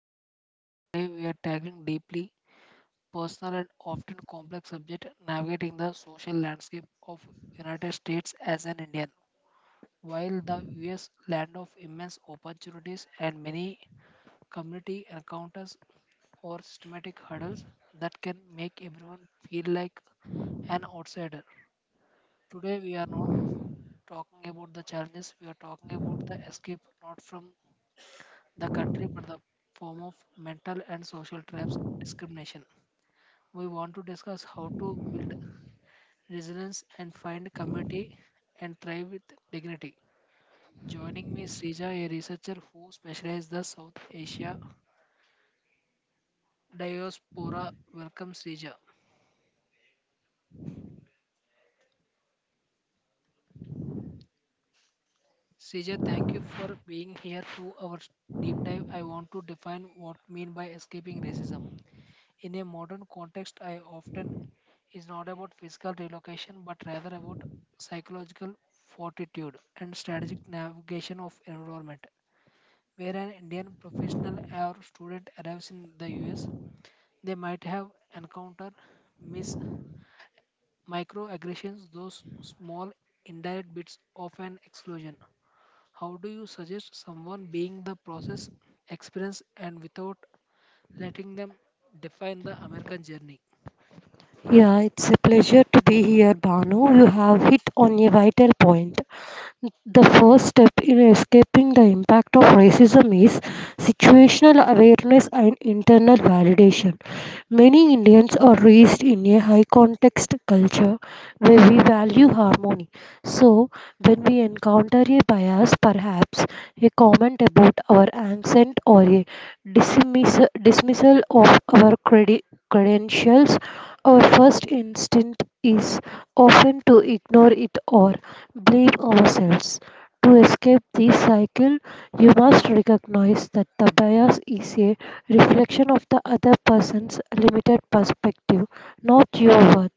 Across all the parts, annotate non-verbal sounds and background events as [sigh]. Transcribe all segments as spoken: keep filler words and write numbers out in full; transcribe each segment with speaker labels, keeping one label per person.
Speaker 1: host Baru and today we are tackling deeply personal and often complex subject navigating the social landscape of United States as an Indian. While the U S land of immense opportunities and many community encounters or systematic hurdles that can make everyone feel like an outsider. Today we are not talking about the challenges, we are talking about the escape not from the country but the form of mental and social traps discrimination. We want to discuss how to build resilience and find community and thrive with dignity. Joining me is Srija, a researcher who specializes the South Asia diaspora. Welcome Srija. Srija, thank you for being here to our deep dive. I want to define what mean by escaping racism. In a modern context, I often is not about physical relocation but rather about psychological fortitude and strategic navigation of environment. Where an Indian professional or student arrives in the U S, they might have encountered mis- microaggressions, those small indirect bits of an explosion. How do you suggest someone being the process experience and without letting them define the American journey?
Speaker 2: Yeah, it's a pleasure to be here, Banu. You have hit on a vital point. The first step in escaping the impact of racism is situational awareness and internal validation. Many Indians are raised in a high context culture where we value harmony. So, when we encounter a bias, perhaps a comment about our accent or a dismiss- dismissal of our credi- credentials, our first instinct is often to ignore it or blame ourselves. To escape this cycle, you must recognize that the bias is a reflection of the other person's limited perspective, not yours.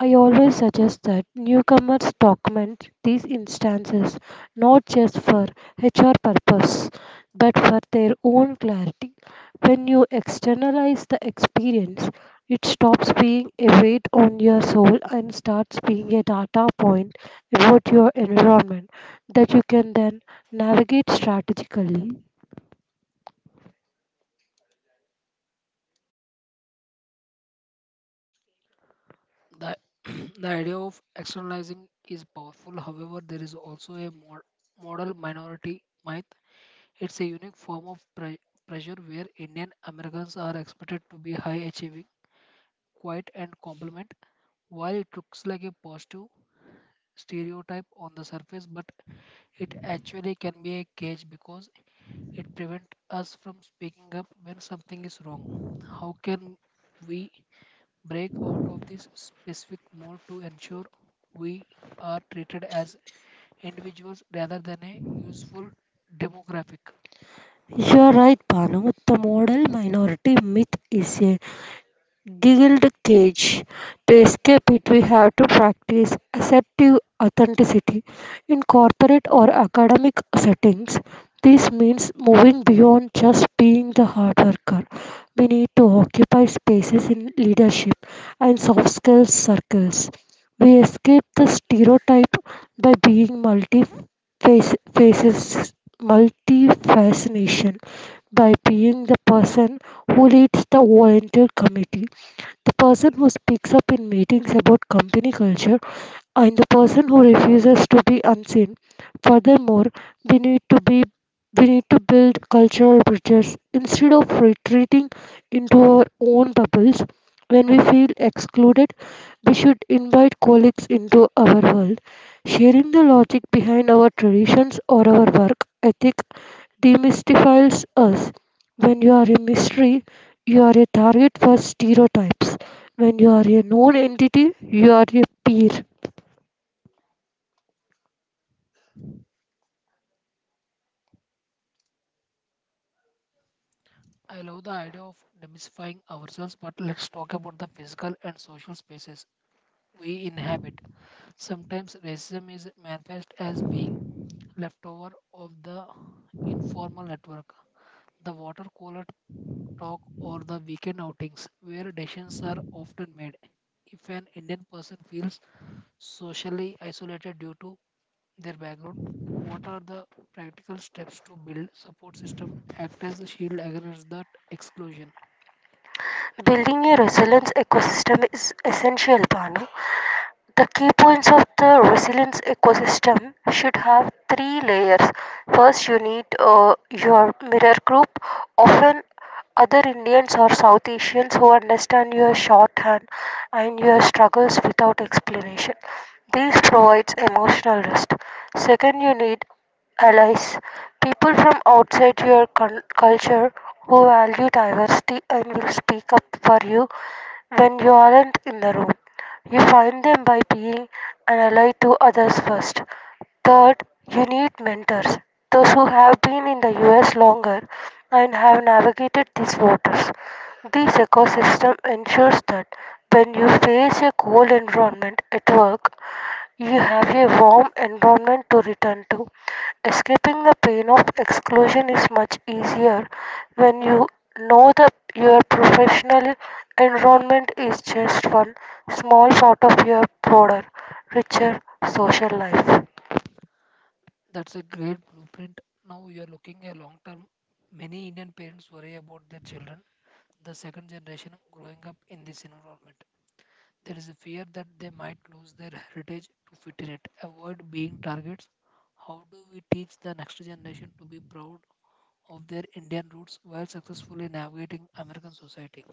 Speaker 2: I always suggest that newcomers document these instances not just for H R purpose but for their own clarity. When you externalize the experience, it stops being a weight on your soul and starts being a data point about your environment that you can then navigate strategically.
Speaker 1: The, [clears throat] the idea of externalizing is powerful. However, there is also a mod, model minority myth. It's a unique form of pre- pressure where Indian Americans are expected to be high achieving, quiet, and compliant. While it looks like a positive stereotype on the surface, but it actually can be a cage because it prevents us from speaking up when something is wrong. How can we break out of this specific mode to ensure we are treated as individuals rather than a useful demographic.
Speaker 2: You're right, Panu. The model minority myth is a giggled cage. To escape it, we have to practice assertive authenticity. In corporate or academic settings, this means moving beyond just being the hard worker. We need to occupy spaces in leadership and soft skills circles. We escape the stereotype by being multi faces multi fascination by being the person who leads the volunteer committee, the person who speaks up in meetings about company culture, and the person who refuses to be unseen. Furthermore, we need to be we need to build cultural bridges instead of retreating into our own bubbles when we feel excluded. We should invite colleagues into our world, sharing the logic behind our traditions or our work ethic. Demystifies us. When you are a mystery, you are a target for stereotypes. When you are a known entity, you are a peer.
Speaker 1: I love the idea of demystifying ourselves, but let's talk about the physical and social spaces we inhabit. Sometimes racism is manifest as being leftover of the informal network, the water cooler talk, or the weekend outings where decisions are often made. If an Indian person feels socially isolated due to their background, what are the practical steps to build support system act as a shield against that exclusion?
Speaker 2: Building a resilient ecosystem is essential, Banu. The key points of the resilience ecosystem should have three layers. First, you need uh, your mirror group, often other Indians or South Asians who understand your shorthand and your struggles without explanation. This provides emotional rest. Second, you need allies, people from outside your cul- culture who value diversity and will speak up for you when you aren't in the room. You find them by being an ally to others first. Third, you need mentors, those who have been in the U S longer and have navigated these waters. This ecosystem ensures that when you face a cold environment at work, you have a warm environment to return to. Escaping the pain of exclusion is much easier when you know that your professional environment is just one small part of your broader, richer social life.
Speaker 1: That's a great blueprint. Now you are looking a long term. Many Indian parents worry about their children, the second generation growing up in this environment. There is a fear that they might lose their heritage to fit in it, avoid being targets. How do we teach the next generation to be proud of their Indian roots while successfully navigating American society?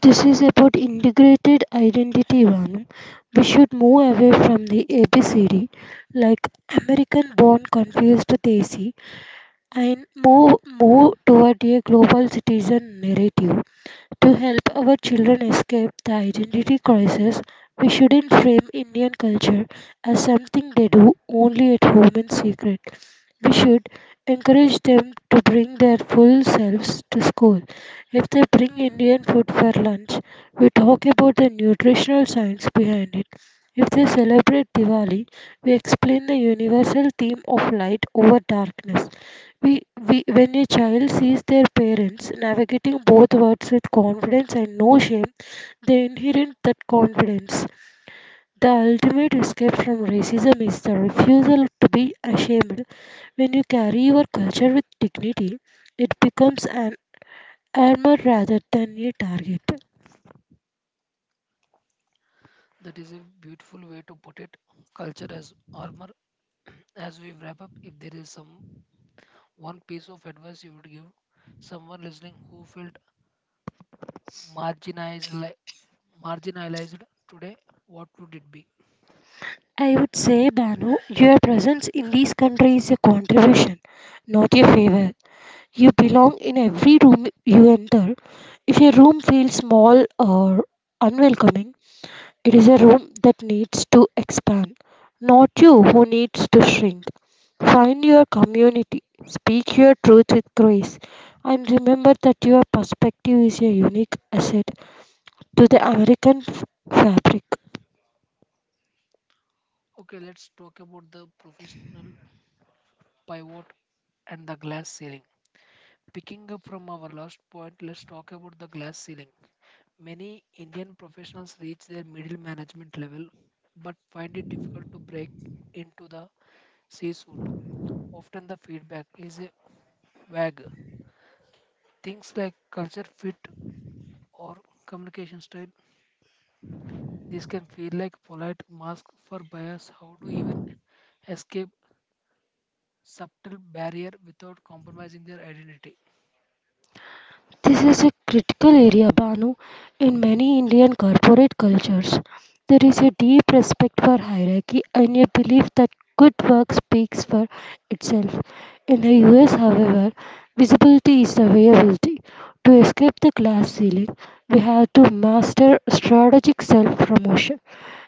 Speaker 2: This is about integrated identity, Vanu. We should move away from the A B C D, like American born confused Desi, and move, move toward a global citizen narrative. To help our children escape the identity crisis, we shouldn't frame Indian culture as something they do only at home in secret. We should encourage them to bring their full selves to school. If they bring Indian food for lunch, we talk about the nutritional science behind it. If they celebrate Diwali, we explain the universal theme of light over darkness. We, we, when a child sees their parents navigating both worlds with confidence and no shame, they inherit that confidence. The ultimate escape from racism is the refusal to be ashamed. When you carry your culture with dignity, it becomes an armor rather than a target.
Speaker 1: That is a beautiful way to put it. Culture as armor. [clears throat] As we wrap up, if there is some one piece of advice you would give someone listening who felt marginalized, li- marginalized today, what would it be?
Speaker 2: I would say, Banu, your presence in these countries is a contribution, not a favor. You belong in every room you enter. If a room feels small or unwelcoming, it is a room that needs to expand, not you who needs to shrink. Find your community, speak your truth with grace, and remember that your perspective is a unique asset to the American f- fabric.
Speaker 1: Okay, let's talk about the professional pivot and the glass ceiling. Picking up from our last point, let's talk about the glass ceiling. Many Indian professionals reach their middle management level but find it difficult to break into the C suite. Often the feedback is a vague. Things like culture fit or communication style. This can feel like polite mask for bias. How to even escape subtle barrier without compromising their identity?
Speaker 2: This is a critical area, Banu. In many Indian corporate cultures, there is a deep respect for hierarchy and a belief that good work speaks for itself. In the U S, however, visibility is the availability. To escape the glass ceiling, we have to master strategic self promotion.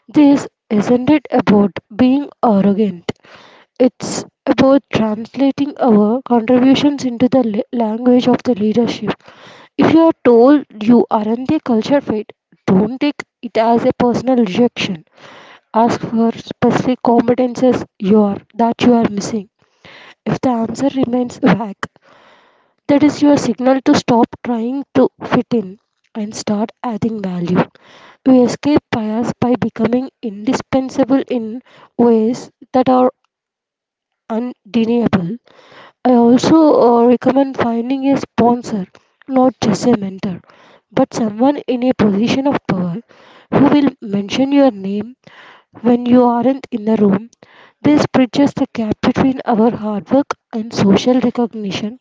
Speaker 2: This isn't it about being arrogant. It's about translating our contributions into the la- language of the leadership. If you are told you aren't a culture fit, don't take it as a personal rejection. Ask for specific competences you are that you are missing. If the answer remains vague, that is your signal to stop trying to fit in and start adding value. We escape bias by becoming indispensable in ways that are undeniable. I also uh, recommend finding a sponsor, not just a mentor, but someone in a position of power who will mention your name when you aren't in the room. This bridges the gap between our hard work and social recognition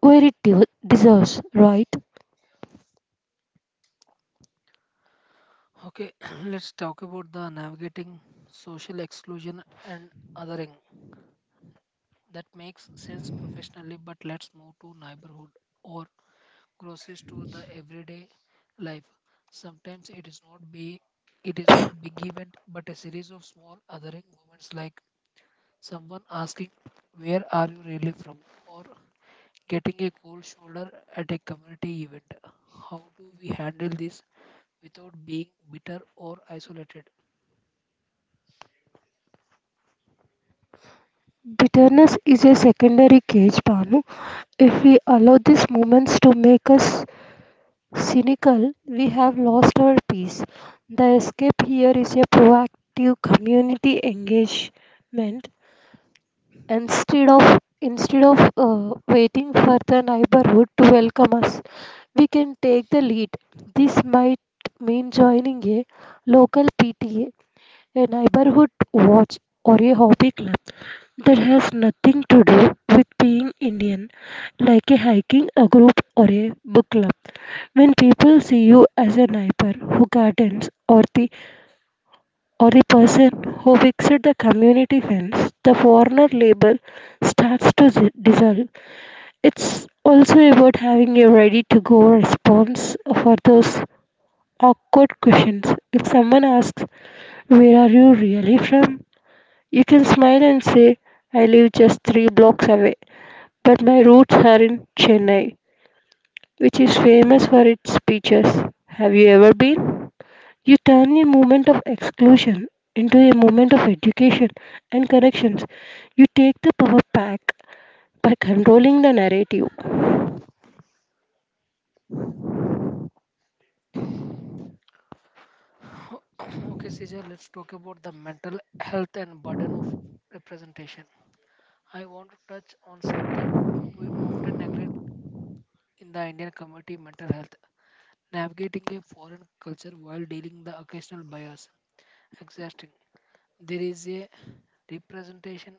Speaker 2: where it de- deserves, right?
Speaker 1: Okay, [clears throat] let's talk about the navigating social exclusion and othering. That makes sense professionally, but let's move to neighborhood or crosses to the everyday life. Sometimes it is not be it is not a big event, but a series of small othering moments like someone asking, "Where are you really from?" or getting a cold shoulder at a community event. How do we handle this without being bitter or isolated?
Speaker 2: Bitterness is a secondary cage, Panu. If we allow these moments to make us cynical, we have lost our peace. The escape here is a proactive community engagement. Instead of instead of uh, waiting for the neighborhood to welcome us, we can take the lead. This might mean joining a local PTA, a neighborhood watch, or a hobby club that has nothing to do with being Indian, like a hiking a group or a book club. When people see you as a neighbor who gardens, or the or the person who fixed the community fence, the foreigner label starts to di- dissolve. It's also about having a ready to go response for those awkward questions. If someone asks, "Where are you really from?" You can smile and say, "I live just three blocks away, but my roots are in Chennai, which is famous for its beaches. Have you ever been?" You turn a moment of exclusion into a moment of education and connections. You take the power back by controlling the narrative.
Speaker 1: [coughs] [clears throat] okay, Cesar, let's talk about the mental health and burden of representation. I want to touch on something we often neglect in the Indian community mental health, navigating a foreign culture while dealing the occasional bias, exhausting. There is a representation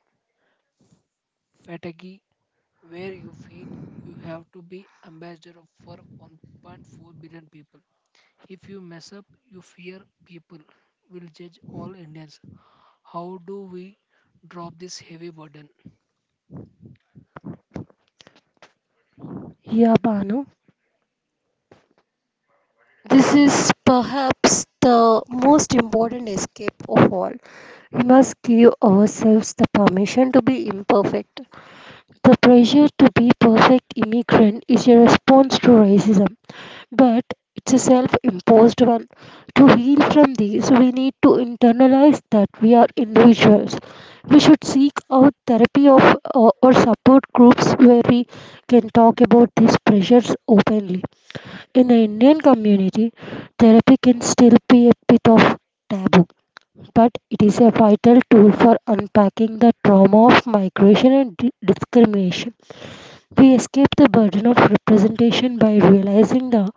Speaker 1: fatigue where you feel you have to be ambassador of- for one point four billion people. If you mess up, you fear people will judge all Indians. How do we drop this heavy burden?
Speaker 2: Yeah, Banu. This is perhaps the most important escape of all. We must give ourselves the permission to be imperfect. The pressure to be perfect immigrant is a response to racism, but it's a self-imposed one. To heal from this, we need to internalize that we are individuals. We should seek out therapy of or, or support groups where we can talk about these pressures openly. In the Indian community, therapy can still be a bit of taboo, but it is a vital tool for unpacking the trauma of migration and di- discrimination. We escape the burden of representation by realizing the,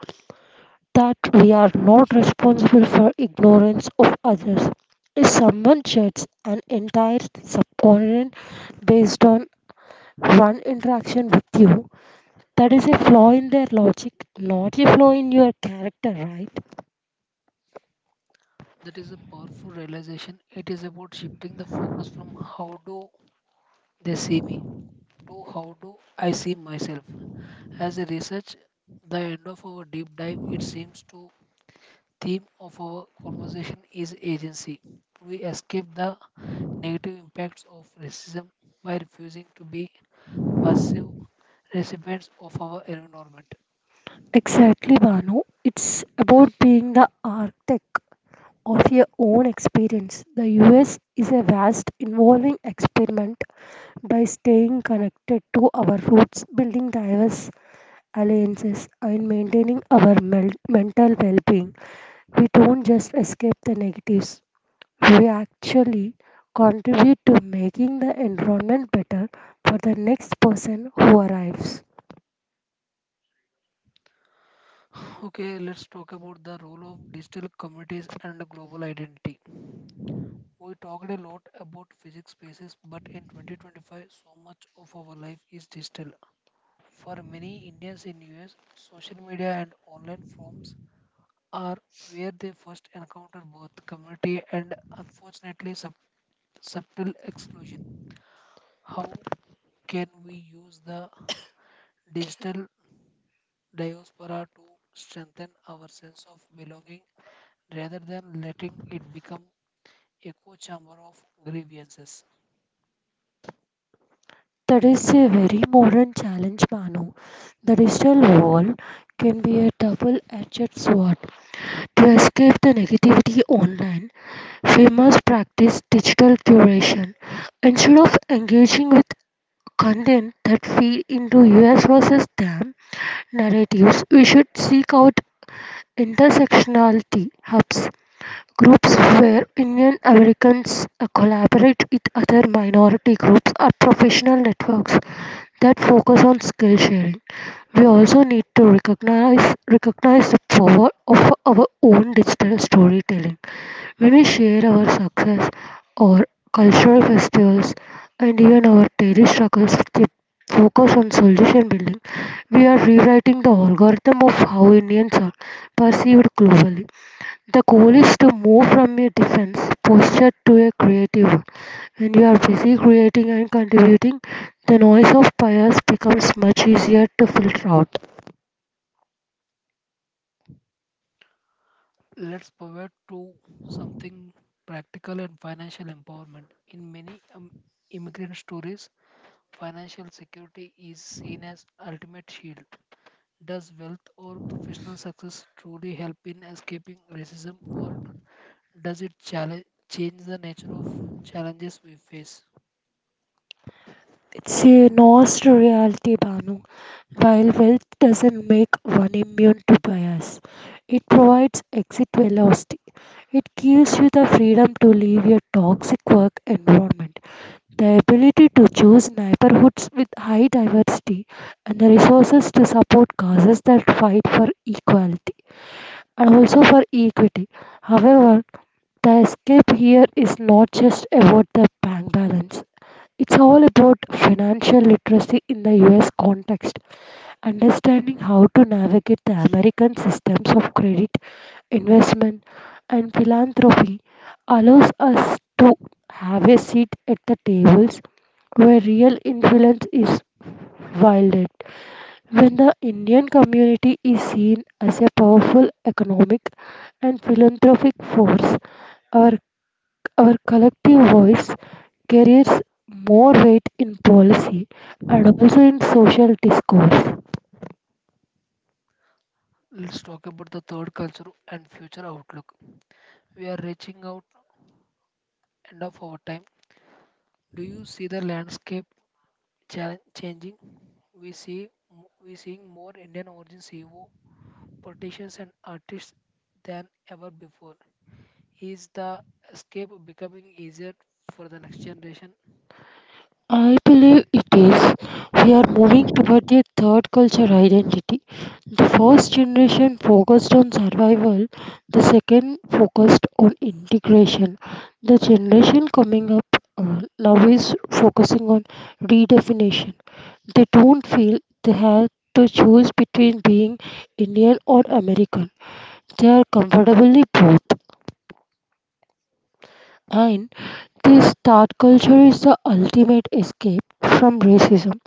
Speaker 2: that we are not responsible for ignorance of others. If someone judges an entire subcontinent based on one interaction with you, that is a flaw in their logic, not a flaw in your character, right?
Speaker 1: That is a powerful realization. It is about shifting the focus from how do they see me to how do I see myself. As a research, the end of our deep dive, it seems to theme of our conversation is agency. We escape the negative impacts of racism by refusing to be passive recipients of our environment.
Speaker 2: Exactly, Banu. It's about being the architect of your own experience. The U S is a vast, evolving experiment. By staying connected to our roots, building diverse alliances, and maintaining our mel- mental well being, we don't just escape the negatives, we actually contribute to making the environment better for the next person who arrives.
Speaker 1: Okay, let's talk about the role of digital communities and global identity. We talked a lot about physics spaces, but in twenty twenty-five, so much of our life is digital. For many Indians in U S, social media and online forums are where they first encounter both community and unfortunately sub- subtle exclusion. How can we use the digital diaspora to strengthen our sense of belonging rather than letting it become echo chamber of grievances?
Speaker 2: That is a very modern challenge, Manu. The digital world can be a double edged sword. To escape the negativity online, we must practice digital curation. Instead of engaging with content that feed into U S versus them narratives, we should seek out intersectionality hubs. Groups where Indian Americans uh, collaborate with other minority groups are professional networks that focus on skill sharing. We also need to recognize recognize the power of our own digital storytelling. When we share our success, our cultural festivals, and even our daily struggles with the focus on solution building, we are rewriting the algorithm of how Indians are perceived globally. The goal is to move from a defense posture to a creative one. When you are busy creating and contributing, the noise of bias becomes much easier to filter out.
Speaker 1: Let's pivot to something practical and financial empowerment. In many um, immigrant stories, financial security is seen as ultimate shield. Does wealth or professional success truly help in escaping racism or does it challenge change the nature of challenges we face?
Speaker 2: It's a nuanced reality, Banu. While wealth doesn't make one immune to bias, it provides exit velocity. It gives you the freedom to leave your toxic work environment, the ability to choose neighborhoods with high diversity, and the resources to support causes that fight for equality and also for equity. However, the escape here is not just about the bank balance. It's all about financial literacy. In the U S context, understanding how to navigate the American systems of credit, investment, and philanthropy allows us to have a seat at the tables where real influence is wielded. When the Indian community is seen as a powerful economic and philanthropic force, our, our collective voice carries more weight in policy and also in social discourse.
Speaker 1: Let's talk about the third culture and future outlook. We are reaching out end of our time. Do you see the landscape chal- changing? We see m- we seeing more Indian origin C E O, politicians and artists than ever before. Is the escape becoming easier for the next generation?
Speaker 2: I believe it is. We are moving toward a third culture identity. The first generation focused on survival, the second focused on integration. The generation coming up uh, now is focusing on redefinition. They don't feel they have to choose between being Indian or American. They are comfortably both. And this third culture is the ultimate escape from racism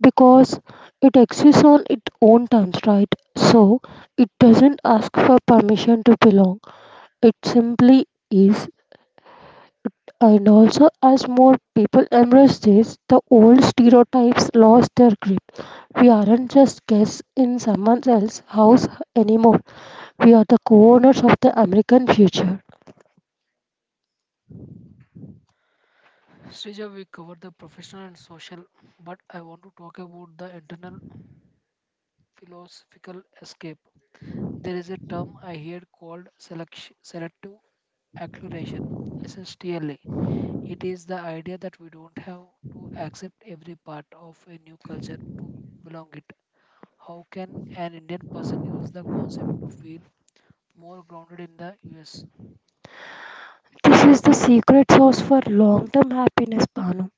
Speaker 2: because it exists on its own terms, right? So it doesn't ask for permission to belong, it simply is. And also, as more people embrace this, the old stereotypes lost their grip. We aren't just guests in someone else's house anymore, we are the co owners of the American future.
Speaker 1: Srija, we covered the professional and social, but I want to talk about the internal philosophical escape. There is a term I hear called select- selective acceleration, S S T L A. It is the idea that we don't have to accept every part of a new culture to belong it. How can an Indian person use the concept to feel more grounded in the U S?
Speaker 2: This is the secret sauce for long term happiness, Banu.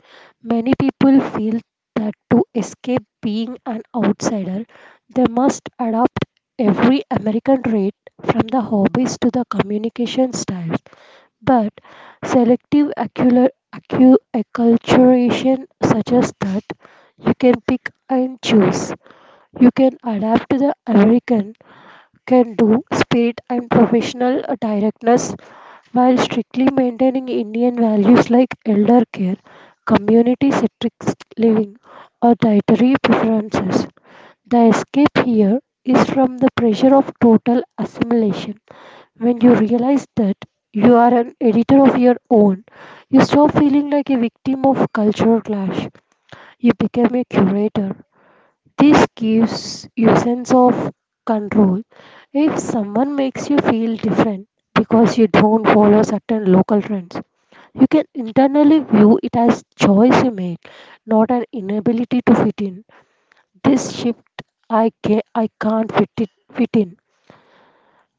Speaker 2: Many people feel that to escape being an outsider, they must adopt every American trait from the hobbies to the communication styles. But selective accular- accu- acculturation suggests that you can pick and choose. You can adapt to the American can do speed and professional uh, directness while strictly maintaining Indian values like elder care, community centric living, or dietary preferences. The escape here is from the pressure of total assimilation. When you realize that you are an editor of your own, you stop feeling like a victim of cultural clash. You become a curator. This gives you a sense of control. If someone makes you feel different because you don't follow certain local trends, you can internally view it as choice you made, not an inability to fit in. This shift, I can I can't fit it fit in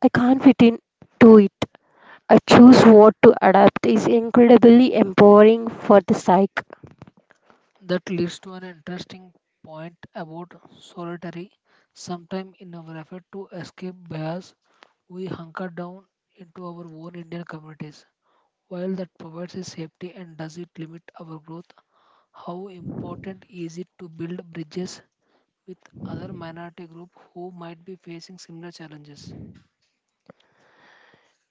Speaker 2: I can't fit in to it, I choose what to adapt is incredibly empowering for the psyche.
Speaker 1: That leads to an interesting point about solitary. Sometime in our effort to escape bias, we hunker down into our own Indian communities. While that provides us safety and does it limit our growth, how important is it to build bridges with other minority groups who might be facing similar challenges?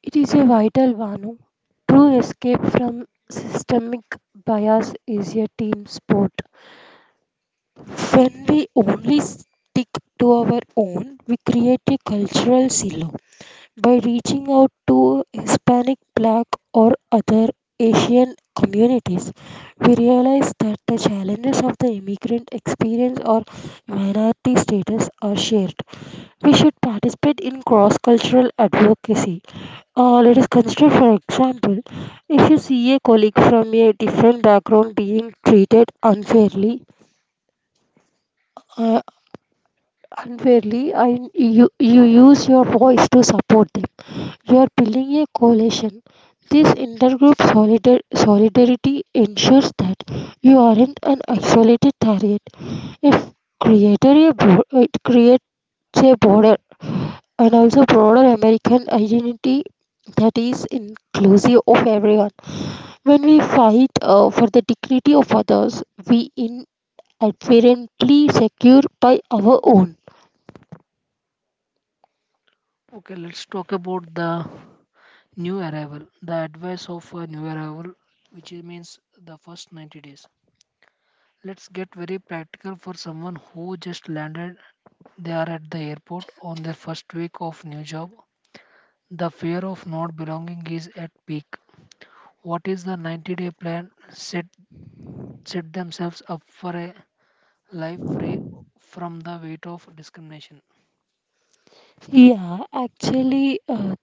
Speaker 2: It is a vital Vanu. True escape from systemic bias is a team sport. When we only stick to our own, we create a cultural silo by reaching out to Hispanic, Black, or other Asian communities, we realize that the challenges of the immigrant experience or minority status are shared. We should participate in cross cultural advocacy. Uh, let us consider, for example, if you see a colleague from a different background being treated unfairly, uh, unfairly, I, you, you use your voice to support them, you are building a coalition. This intergroup solidar- solidarity ensures that you aren't an isolated target. It created a bro- it creates a broader and also broader American identity that is inclusive of everyone. When we fight uh, for the dignity of others, we inadvertently secure by our own.
Speaker 1: Okay, let's talk about the new arrival. The advice of a new arrival, which means the first ninety days. Let's get very practical for someone who just landed. They are at the airport on their first week of new job. The fear of not belonging is at peak. What is the ninety-day plan? Set set themselves up for a life free from the weight of discrimination.
Speaker 2: Yeah, actually, uh,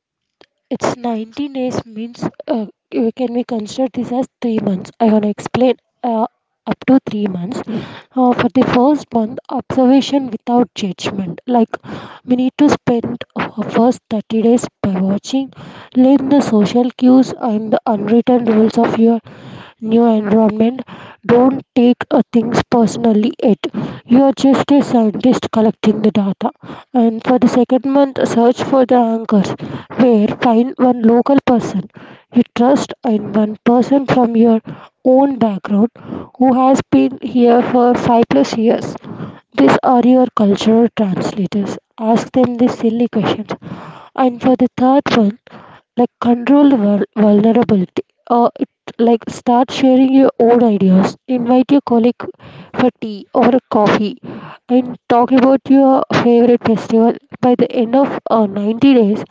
Speaker 2: It's ninety days means, uh, you can we consider this as three months? I want to explain, uh, up to three months. Uh, for the first month, observation without judgment. Like we need to spend our first thirty days by watching, learn the social cues and the unwritten rules of your new environment, don't take uh, things personally yet. You are just a scientist collecting the data. And for the second month, search for the anchors, where find one local person you trust and one person from your own background who has been here for five plus years. These are your cultural translators. Ask them the silly questions. And for the third one, like controlled vul- vulnerability, uh, it like start sharing your own ideas, invite your colleague for tea or a coffee and talk about your favorite festival. By the end of uh, ninety days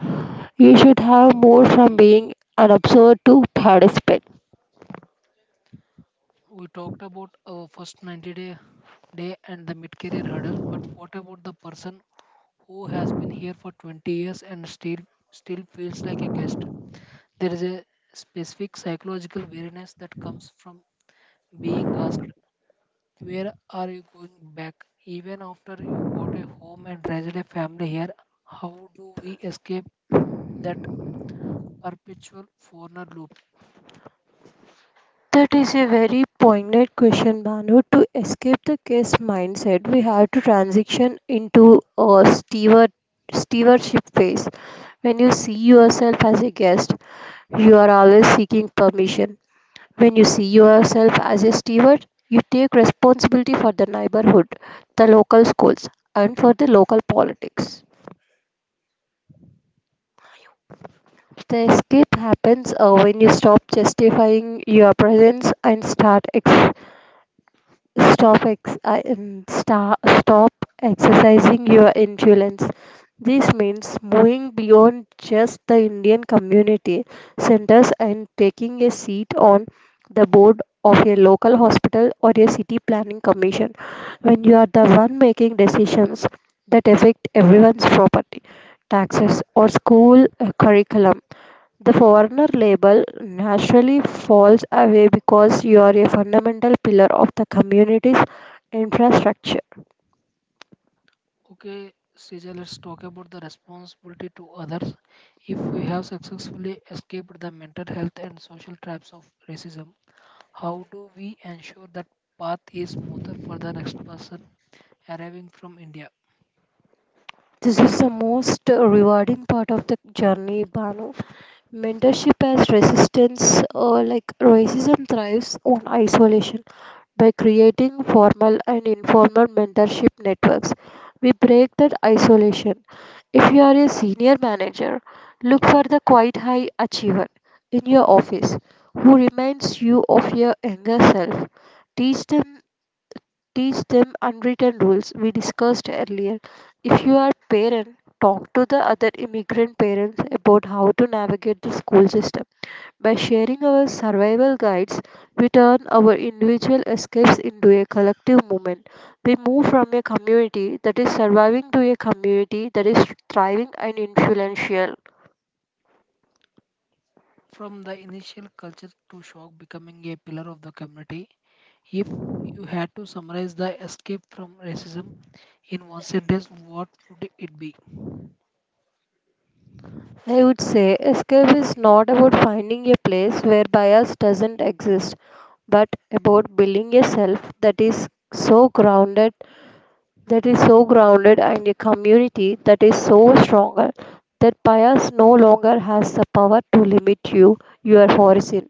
Speaker 2: you should have more from being an observer to participant.
Speaker 1: We talked about our first ninety day day and the mid career hurdles, but what about the person who has been here for twenty years and still still feels like a guest? There is a specific psychological weariness that comes from being asked, "Where are you going back?" Even after you bought a home and raised a family here, how do we escape that perpetual foreigner loop?
Speaker 2: That is a very poignant question, Banu. To escape the case mindset, we have to transition into a steward, stewardship phase. When you see yourself as a guest, you are always seeking permission. When you see yourself as a steward, you take responsibility for the neighborhood, the local schools, and for the local politics. The escape happens uh, when you stop justifying your presence and start ex- stop ex- I- um, sta stop exercising your influence. This means moving beyond just the Indian community centers and taking a seat on the board of a local hospital or a city planning commission when you are the one making decisions that affect everyone's property, taxes, or school uh, curriculum. The foreigner label naturally falls away because you are a fundamental pillar of the community's infrastructure.
Speaker 1: Okay, Sija, let's talk about the responsibility to others. If we have successfully escaped the mental health and social traps of racism, how do we ensure that path is smoother for the next person arriving from India?
Speaker 2: This is the most rewarding part of the journey, Banu. Mentorship as resistance, uh, like racism, thrives on isolation. By creating formal and informal mentorship networks, we break that isolation. If you are a senior manager, look for the quite high achiever in your office who reminds you of your younger self. Teach them Teach them unwritten rules we discussed earlier. If you are parent, talk to the other immigrant parents about how to navigate the school system. By sharing our survival guides, we turn our individual escapes into a collective movement. We move from a community that is surviving to a community that is thriving and influential.
Speaker 1: From the initial culture to shock becoming a pillar of the community, if you had to summarize the escape from racism in one sentence, what would it be?
Speaker 2: I would say escape is not about finding a place where bias doesn't exist, but about building a self that is so grounded, that is so grounded, and a community that is so stronger that bias no longer has the power to limit you, your horizon.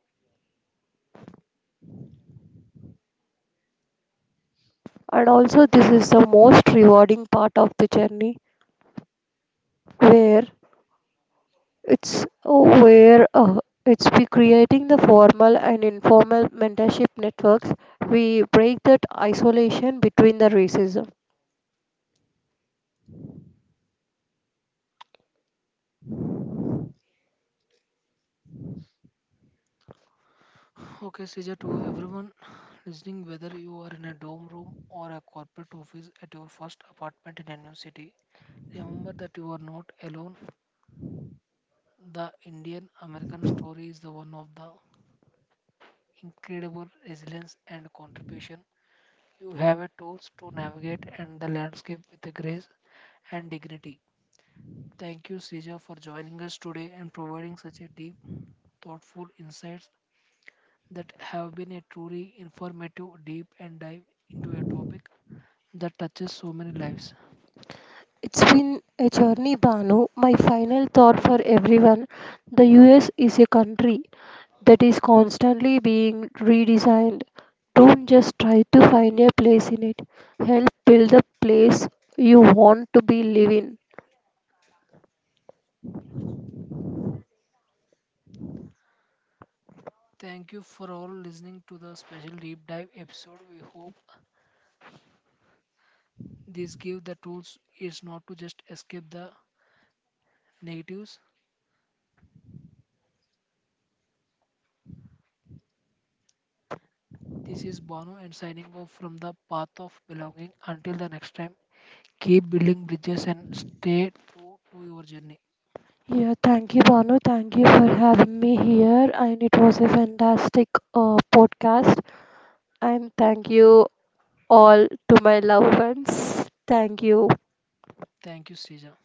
Speaker 2: And also, this is the most rewarding part of the journey where It's where uh, it's we creating the formal and informal mentorship networks. We break that isolation between the racism.
Speaker 1: Okay, Sija, to everyone listening, whether you are in a dorm room or a corporate office at your first apartment in a new city, remember that you are not alone. The Indian American story is the one of the incredible resilience and contribution. You have a tools to navigate and the landscape with a grace and dignity. Thank you, Sija, for joining us today and providing such a deep, thoughtful insights that have been a truly informative deep and dive into a topic that touches so many lives.
Speaker 2: It's been a journey, Banu. My final thought for everyone: the U S is a country that is constantly being redesigned. Don't just try to find a place in it. Help build the place you want to be living.
Speaker 1: Thank you for all listening to the special deep dive episode. We hope this give the tools is not to just escape the negatives. This is Bono and signing off from the path of belonging. Until the next time, keep building bridges and stay true to your journey.
Speaker 2: Yeah, thank you, Banu. Thank you for having me here. And it was a fantastic uh, podcast. And thank you all to my loved ones. Thank you.
Speaker 1: Thank you, Sija.